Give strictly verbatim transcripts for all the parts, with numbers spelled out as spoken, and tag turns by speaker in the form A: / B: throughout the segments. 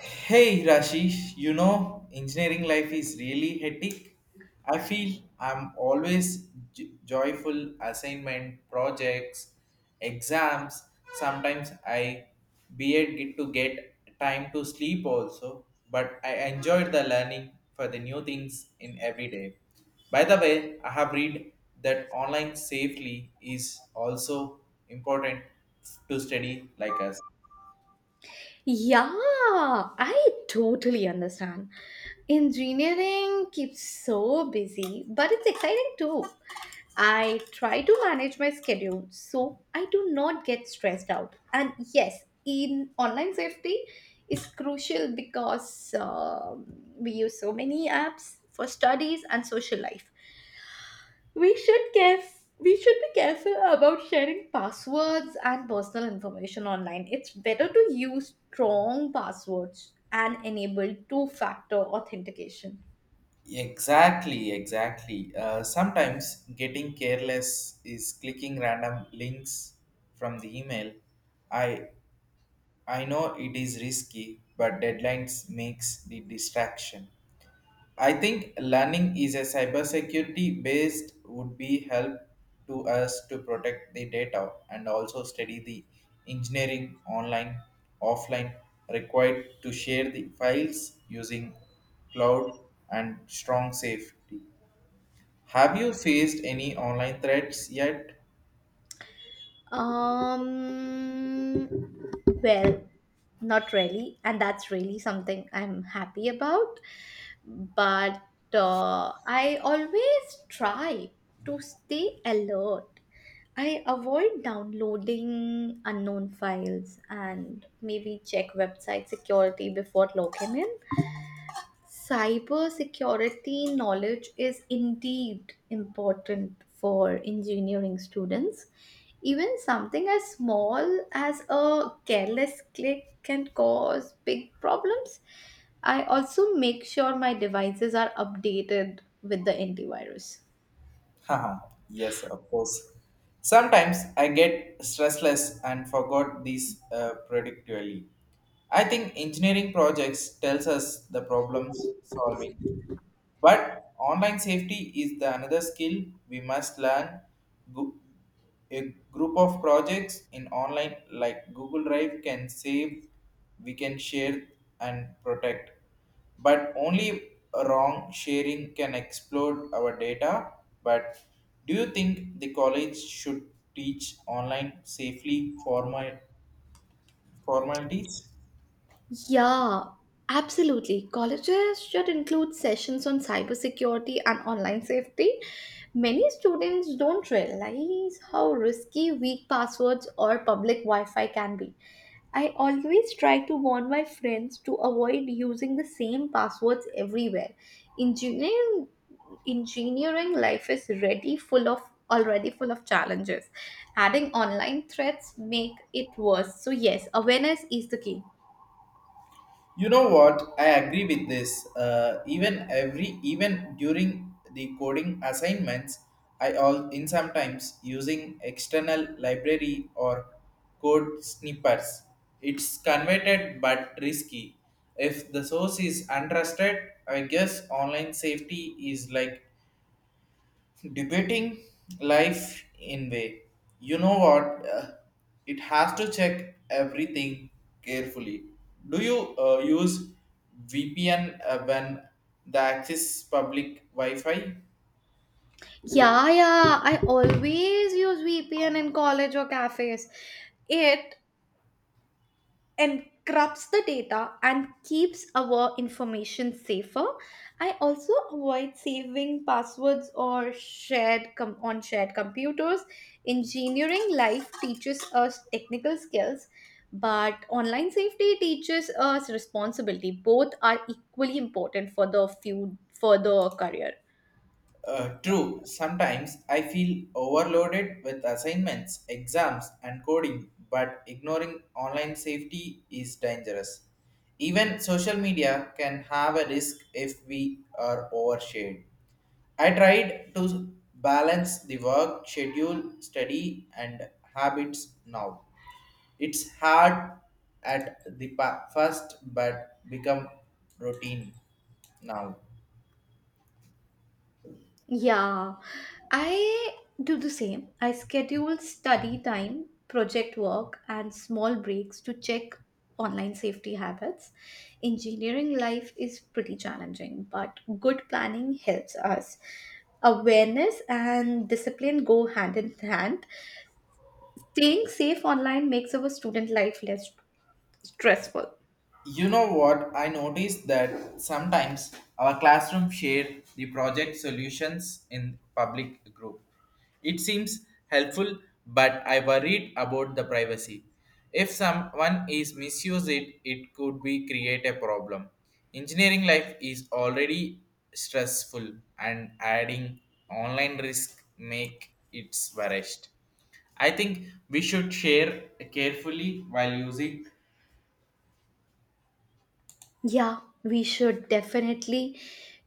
A: Hey Rashish, you know, engineering life is really hectic. I feel I'm always j- joyful assignment, projects, exams. Sometimes I beard get to get time to sleep also, but I enjoyed the learning for the new things in every day. By the way, I have read that online safely is also important to study like us.
B: Yeah, I totally understand. Engineering keeps so busy, but it's exciting too. I try to manage my schedule so I do not get stressed out. And yes, in online safety is crucial because um, we use so many apps for studies and social life. We should caref- we should be careful about sharing passwords and personal information online. It's better to use strong passwords and enable two-factor authentication.
A: Exactly, exactly. Uh, sometimes getting careless is clicking random links from the email. I I know it is risky, but deadlines makes the distraction. I think learning is a cybersecurity based would be help to us to protect the data and also study the engineering online, offline required to share the files using cloud and strong safety. Have you faced any online threats yet?
B: Um well, not really, and that's really something I'm happy about, but uh, I always try to stay alert. I avoid downloading unknown files and maybe check website security before logging in. Cyber security knowledge is indeed important for engineering students. Even something as small as a careless click can cause big problems. I also make sure my devices are updated with the antivirus.
A: Haha, yes, of course. Sometimes I get stressless and forgot these uh, predictably. I think engineering projects tells us the problems solving. But online safety is the another skill we must learn. Gu- A group of projects in online like Google Drive can save, we can share and protect. But only wrong sharing can explode our data. But do you think the college should teach online safely formal formalities?
B: Yeah, absolutely. Colleges should include sessions on cybersecurity and online safety. Many students don't realize how risky weak passwords or public Wi Fi can be. I always try to warn my friends to avoid using the same passwords everywhere. Engineering, engineering life is ready full of already full of challenges. Adding online threats make it worse. So yes, awareness is the key.
A: You know what? I agree with this. Uh, even every even during the coding assignments, I all in sometimes using external library or code snippets. It's converted but risky. If the source is untrusted, I guess online safety is like debating life in way, you know what uh, it has to check everything carefully. Do you uh, use VPN uh, when the access public wi-fi?
B: Yeah, yeah. I always use V P N in college or cafes. It encrypts the data and keeps our information safer. I also avoid saving passwords or shared com- on shared computers. Engineering life teaches us technical skills, but online safety teaches us responsibility. Both are equally important for the few for the career.
A: Uh, true Sometimes I feel overloaded with assignments, exams and coding, but ignoring online safety is dangerous. Even social media can have a risk if we are overshared. I tried to balance the work schedule, study, and habits now. It's hard at the pa- first, but become routine now.
B: Yeah, I do the same. I schedule study time, project work, and small breaks to check online safety habits. Engineering life is pretty challenging, but good planning helps us. Awareness and discipline go hand in hand. Staying safe online makes our student life less stressful.
A: You know what? I noticed that sometimes our classroom share the project solutions in public group. It seems helpful, but I worried about the privacy. If someone is misuse it, it could be create a problem. Engineering life is already stressful, and adding online risk make it worst. I think we should share carefully while using.
B: Yeah, we should definitely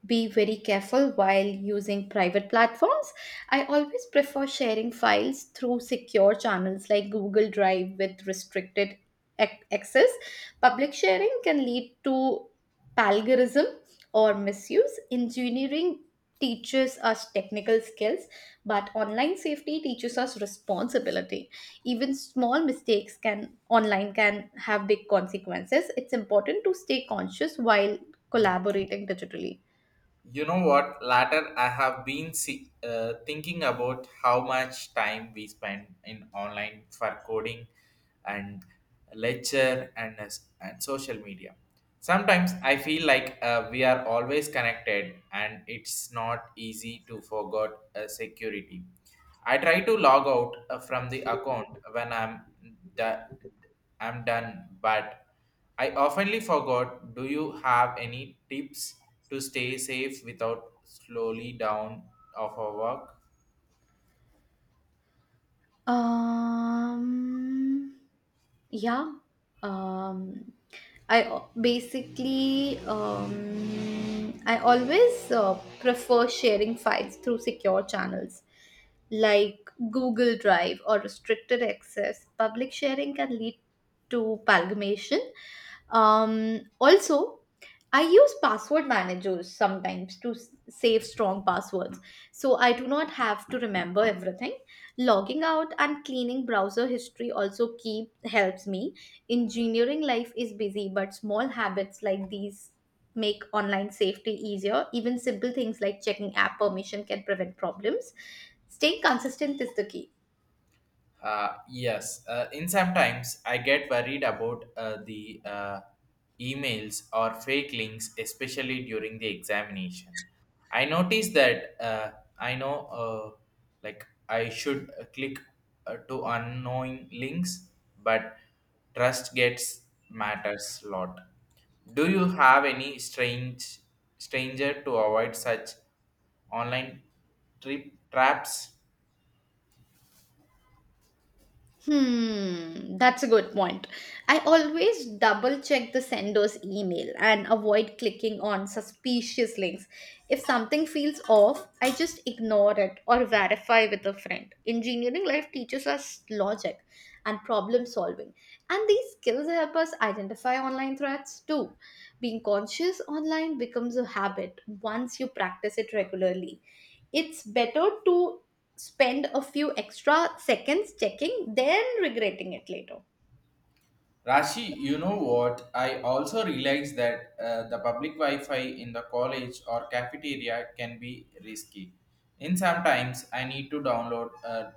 B: be very careful while using private platforms. I always prefer sharing files through secure channels like Google Drive with restricted ac- access. Public sharing can lead to plagiarism or misuse. Engineering teaches us technical skills, but online safety teaches us responsibility. Even small mistakes can online can have big consequences. It's important to stay conscious while collaborating digitally.
A: You know what? Latter, I have been see, uh, thinking about how much time we spend in online for coding and lecture and, as- and social media. Sometimes I feel like uh, we are always connected and it's not easy to forget uh, security. I try to log out uh, from the account when I'm done I'm done, but I oftenly forgot. Do you have any tips to stay safe without slowly down of our work?
B: Um yeah um I al- basically um, I always uh, prefer sharing files through secure channels like Google Drive or restricted access. Public sharing can lead to palgamation. Um, also, I use password managers sometimes to s- save strong passwords, so I do not have to remember everything. Logging out and cleaning browser history also keep helps me. Engineering life is busy, but small habits like these make online safety easier. Even simple things like checking app permission can prevent problems. Staying consistent is the key.
A: Uh, yes, uh, in sometimes I get worried about uh, the uh, emails or fake links, especially during the examination. I notice that uh, I know, uh, like I should uh, click uh, to unknowing links, but trust gets matters lot. Do you have any strange stranger to avoid such online trip traps?
B: Hmm, that's a good point. I always double check the sender's email and avoid clicking on suspicious links. If something feels off, I just ignore it or verify with a friend. Engineering life teaches us logic and problem solving, and these skills help us identify online threats too. Being conscious online becomes a habit once you practice it regularly. It's better to spend a few extra seconds checking, then regretting it later.
A: Rashi, you know what? I also realized that uh, the public Wi-Fi in the college or cafeteria can be risky. In sometimes I need to download uh,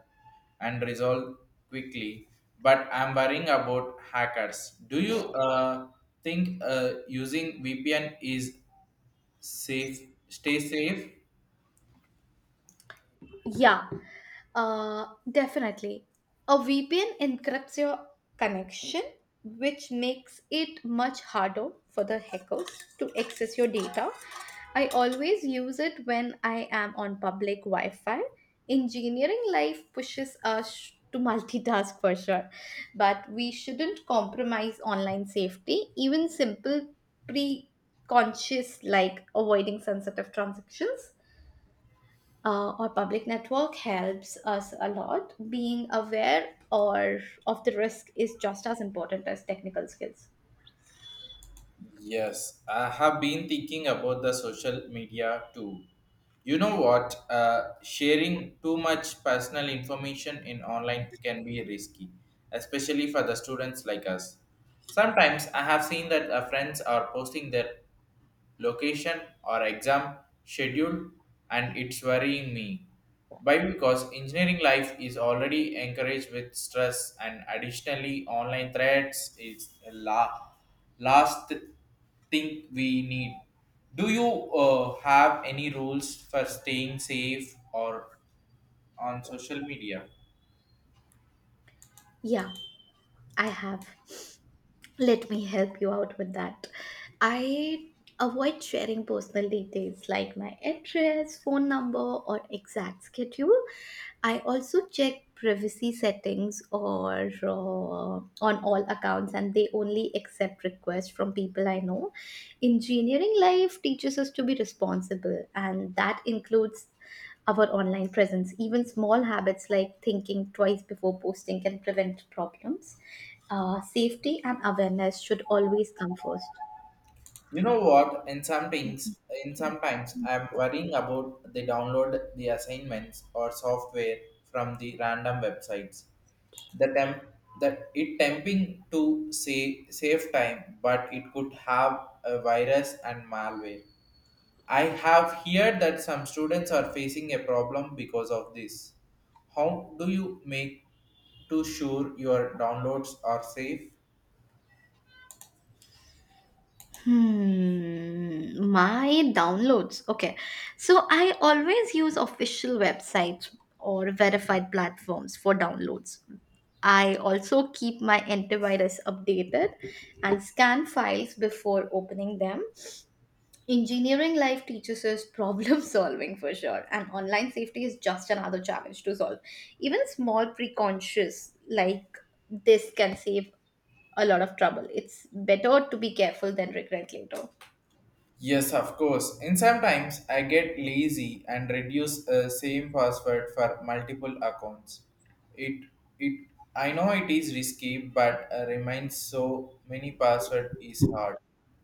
A: and resolve quickly, but I'm worrying about hackers. Do you uh, think uh, using V P N is safe? Stay safe.
B: Yeah, uh, definitely. A V P N encrypts your connection, which makes it much harder for the hackers to access your data. I always use it when I am on public Wi Fi. Engineering life pushes us to multitask for sure, but we shouldn't compromise online safety. Even simple pre conscious, like avoiding sensitive transactions, uh, or public network helps us a lot. Being aware or of the risk is just as important as technical skills.
A: Yes, I have been thinking about the social media too. You know what? Uh, sharing too much personal information in online can be risky, especially for the students like us. Sometimes I have seen that uh, friends are posting their location or exam schedule and it's worrying me. Why? Because engineering life is already encouraged with stress and additionally online threats is a la- last thing we need. Do you uh, have any rules for staying safe or on social media?
B: Yeah, I have. Let me help you out with that. I avoid sharing personal details like my address, phone number, or exact schedule. I also check privacy settings or uh, on all accounts and they only accept requests from people I know. Engineering life teaches us to be responsible and that includes our online presence. Even small habits like thinking twice before posting can prevent problems. Uh, safety and awareness should always come first.
A: You know what? In some things, in sometimes I'm worrying about they download the assignments or software from the random websites. The temp that it tempting to say save time, but it could have a virus and malware. I have heard that some students are facing a problem because of this. How do you make to sure your downloads are safe?
B: Hmm, my downloads. Okay. So I always use official websites or verified platforms for downloads. I also keep my antivirus updated and scan files before opening them. Engineering life teaches us problem solving for sure, and online safety is just another challenge to solve. Even small precautions like this can save a lot of trouble. It's better to be careful than regret later.
A: Yes, of course. And sometimes I get lazy and reduce uh, same password for multiple accounts. It it I know it is risky, but uh, remains so many password is hard.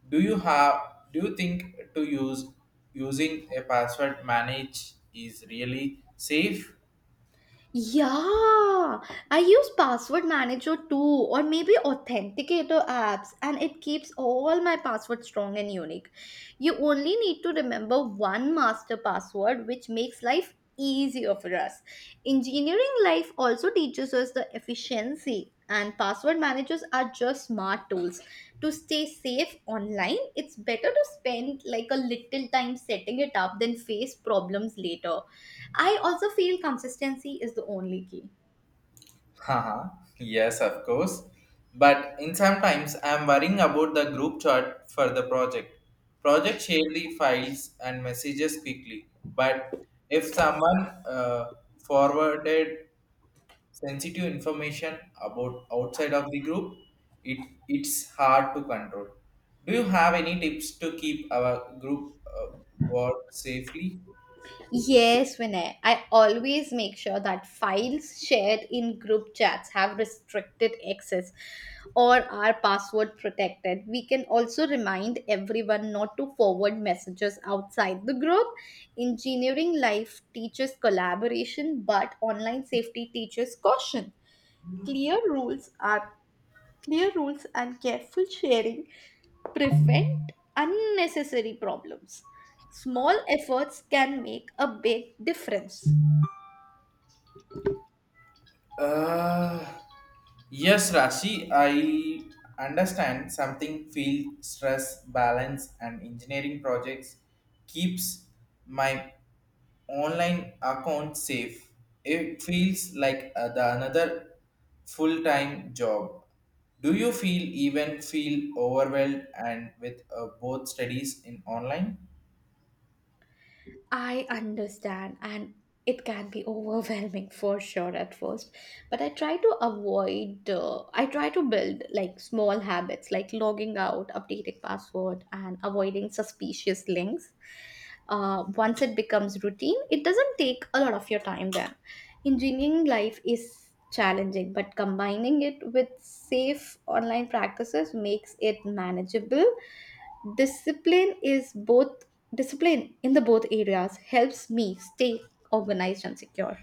A: Do you have do you think to use using a password manage is really safe?
B: Yeah, I use password manager too, or maybe authenticator apps, and it keeps all my passwords strong and unique. You only need to remember one master password, which makes life easier for us. Engineering life also teaches us the efficiency, and password managers are just smart tools. To stay safe online, it's better to spend like a little time setting it up than face problems later. I also feel consistency is the only key.
A: Haha, yes, of course. But in sometimes I'm worrying about the group chat for the project. Project share the files and messages quickly, but if someone uh, forwarded sensitive information about outside of the group, it it's hard to control. Do you have any tips to keep our group uh, work safely?
B: Yes, Vinay. I always make sure that files shared in group chats have restricted access or are password protected. We can also remind everyone not to forward messages outside the group. Engineering life teaches collaboration, but online safety teaches caution. Clear rules are Clear rules and careful sharing prevent unnecessary problems. Small efforts can make a big difference.
A: Uh, yes, Rashi, I understand something field stress balance and engineering projects keeps my online account safe. It feels like uh, the another full-time job. Do you feel even feel overwhelmed and with uh, both studies in online?
B: I understand, and it can be overwhelming for sure at first. But I try to avoid, uh, I try to build like small habits like logging out, updating password, and avoiding suspicious links. Uh, once it becomes routine, it doesn't take a lot of your time then. Engineering life is challenging, but combining it with safe online practices makes it manageable. Discipline is both, discipline in the both areas helps me stay organized and secure.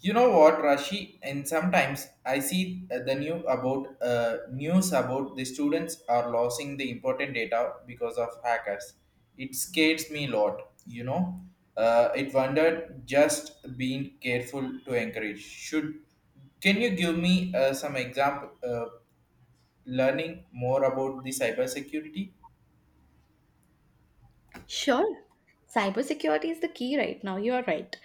A: You know what, Rashi? And sometimes I see uh, the new about uh, news about the students are losing the important data because of hackers. It scares me a lot. You know, uh, it wondered just being careful to encourage. Should can you give me uh, some example? Uh, learning more about the cybersecurity.
B: Sure, cybersecurity is the key right now, you are right.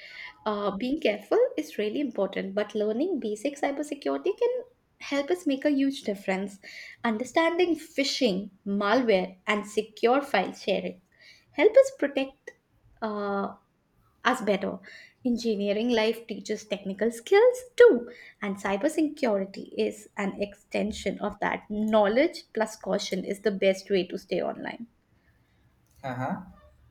B: uh, Being careful is really important, but learning basic cybersecurity can help us make a huge difference. Understanding phishing malware and secure file sharing help us protect uh, as better. Engineering life teaches technical skills too, and cybersecurity is an extension of that. Knowledge plus caution is the best way to stay online.
A: Uh-huh.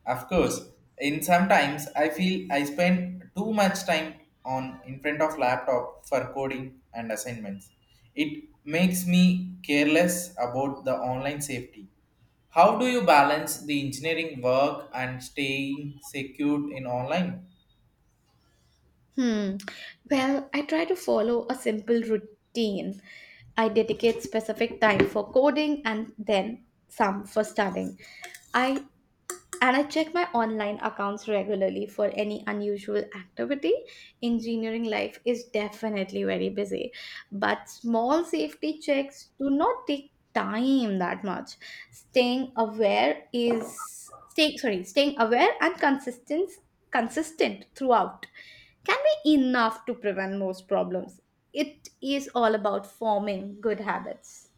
A: Of course. In sometimes I feel I spend too much time on in front of laptop for coding and assignments. It makes me careless about the online safety. How do you balance the engineering work and staying secure in online?
B: Hmm. Well, I try to follow a simple routine. I dedicate specific time for coding and then some for studying. I And I check my online accounts regularly for any unusual activity. Engineering life is definitely very busy, but small safety checks do not take time that much. Staying aware is stay, sorry, Staying aware and consistent consistent throughout can be enough to prevent most problems. It is all about forming good habits.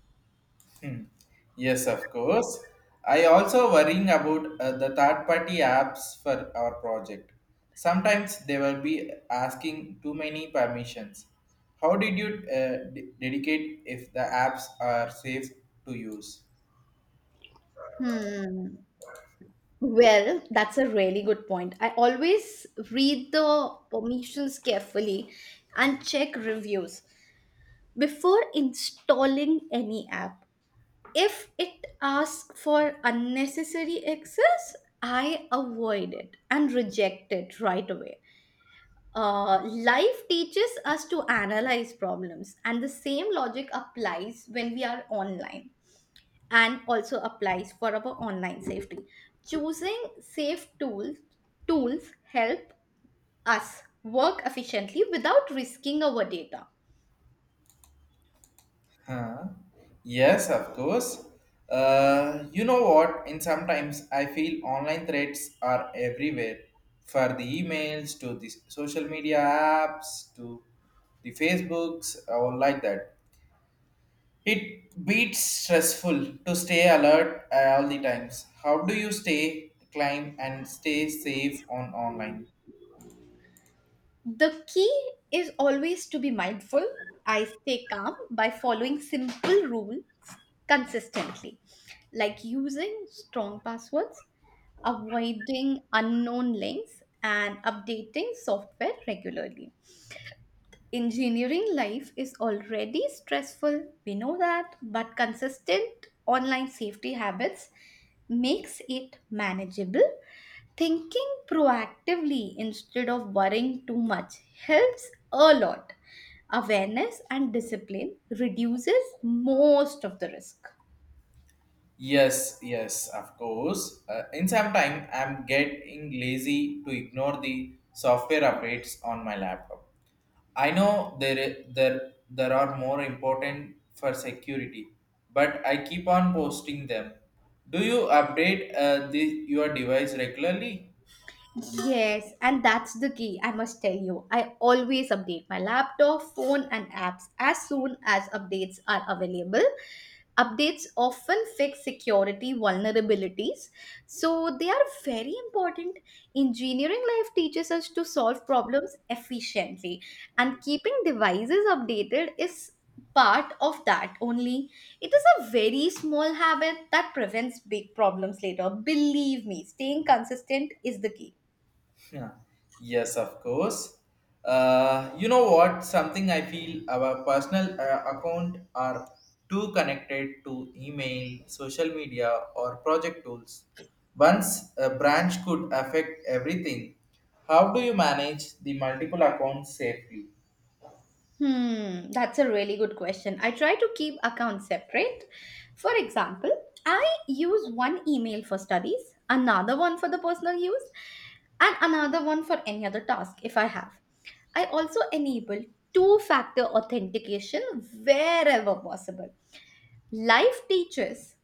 A: Yes, of course. I also worrying about uh, the third party apps for our project. Sometimes they will be asking too many permissions. How did you uh, de- dedicate if the apps are safe to use?
B: Hmm. Well, that's a really good point. I always read the permissions carefully and check reviews before installing any app. If it asks for unnecessary access, I avoid it and reject it right away. Uh, life teaches us to analyze problems, and the same logic applies when we are online and also applies for our online safety. Choosing safe tools tools help us work efficiently without risking our data.
A: Huh? Yes, of course. Uh, you know what? In sometimes I feel online threats are everywhere, for the emails to the social media apps to the Facebooks or like that. It beats stressful to stay alert uh, all the times. How do you stay climb and stay safe on online?
B: The key is always to be mindful. I stay calm by following simple rules consistently, like using strong passwords, avoiding unknown links, and updating software regularly. Engineering life is already stressful, we know that, but consistent online safety habits makes it manageable. Thinking proactively instead of worrying too much helps a lot. Awareness and discipline reduces most of the risk.
A: Yes, yes, of course. Uh, in some time, I'm getting lazy to ignore the software updates on my laptop. I know there there there are more important for security, but I keep on posting them. Do you update uh, the, your device regularly?
B: Yes, and that's the key, I must tell you. I always update my laptop, phone, and apps as soon as updates are available. Updates often fix security vulnerabilities, so they are very important. Engineering life teaches us to solve problems efficiently, and keeping devices updated is part of that only. It is a very small habit that prevents big problems later. Believe me, staying consistent is the key.
A: Yeah. Yes, of course. Uh, you know what? Something I feel our personal uh, account are too connected to email, social media, or project tools. Once a branch could affect everything, how do you manage the multiple accounts safely?
B: Hmm, that's a really good question. I try to keep accounts separate. For example, I use one email for studies, another one for the personal use, and another one for any other task if I have. I also enable two factor authentication wherever possible. Life teaches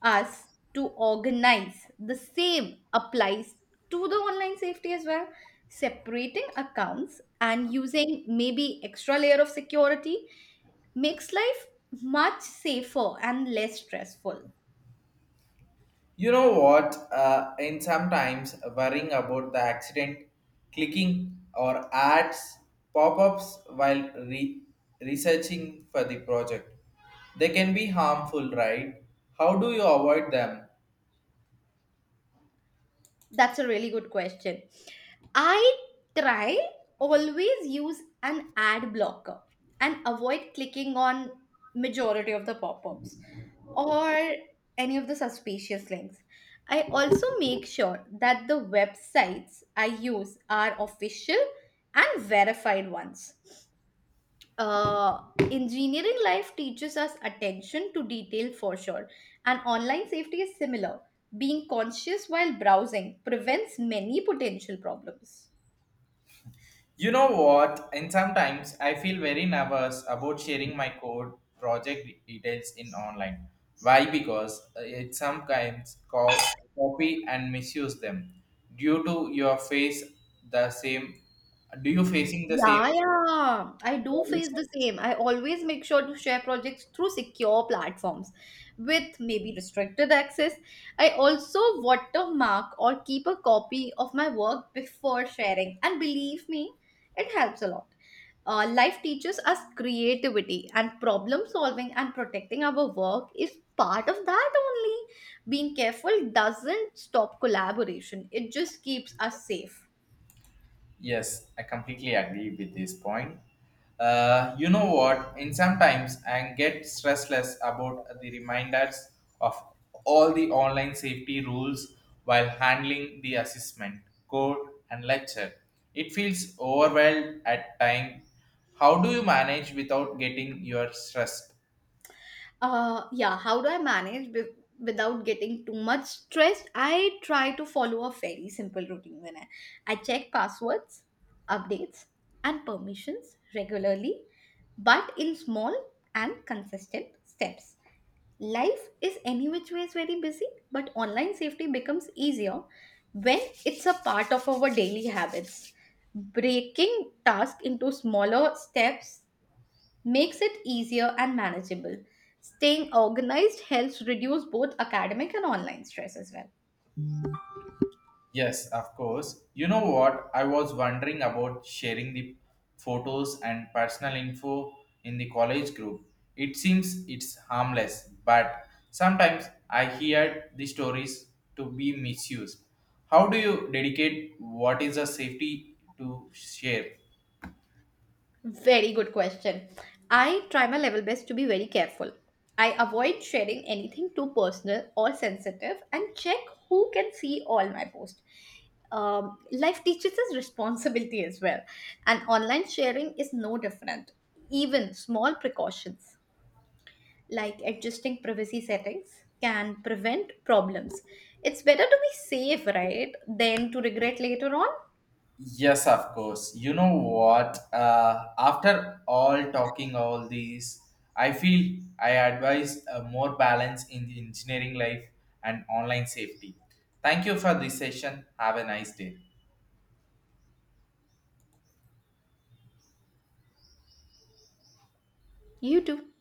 B: us to organize. The same applies to the online safety as well. Separating accounts and using maybe extra layer of security makes life much safer and less stressful.
A: You know what? Uh, and sometimes worrying about the accident, clicking or ads pop-ups while re- researching for the project. They can be harmful, right? How do you avoid them?
B: That's a really good question. I try always use an ad blocker and avoid clicking on majority of the pop-ups or any of the suspicious links. I also make sure that the websites I use are official and verified ones. uh, Engineering life teaches us attention to detail for sure, and online safety is similar. Being conscious while browsing prevents many potential problems.
A: You know what? And sometimes I feel very nervous about sharing my code project details in online. Why? Because uh, it sometimes co- copy and misuse them. Due to your face the same, do you facing the same
B: Yeah, yeah, I do
A: worries?
B: face the same. I always make sure to share projects through secure platforms with maybe restricted access. I also watermark or keep a copy of my work before sharing, and believe me, it helps a lot. Uh, life teaches us creativity and problem solving, and protecting our work is part of that only. Being careful doesn't stop collaboration, it just keeps us safe.
A: Yes, I completely agree with this point. Uh, you know what? In sometimes I get stressless about the reminders of all the online safety rules while handling the assessment, code, and lecture. It feels overwhelmed at time. How do you manage without getting your stressed?
B: Uh, yeah, how do I manage with, without getting too much stressed? I try to follow a very simple routine. when I, I check passwords, updates, and permissions regularly, but in small and consistent steps. Life is any which way is very busy, but online safety becomes easier when it's a part of our daily habits. Breaking tasks into smaller steps makes it easier and manageable. Staying organized helps reduce both academic and online stress as well.
A: Yes, of course. You know what? I was wondering about sharing the photos and personal info in the college group. It seems it's harmless, but sometimes I hear the stories to be misused. How do you dedicate what is a safety to share?
B: Very good question. I try my level best to be very careful. I avoid sharing anything too personal or sensitive and check who can see all my posts. Um, life teaches us responsibility as well, and online sharing is no different. Even small precautions like adjusting privacy settings can prevent problems. It's better to be safe, right, than to regret later on.
A: Yes, of course. You know what? Uh, after all talking all these, I feel I advise a more balance in the engineering life and online safety. Thank you for this session. Have a nice day.
B: You too.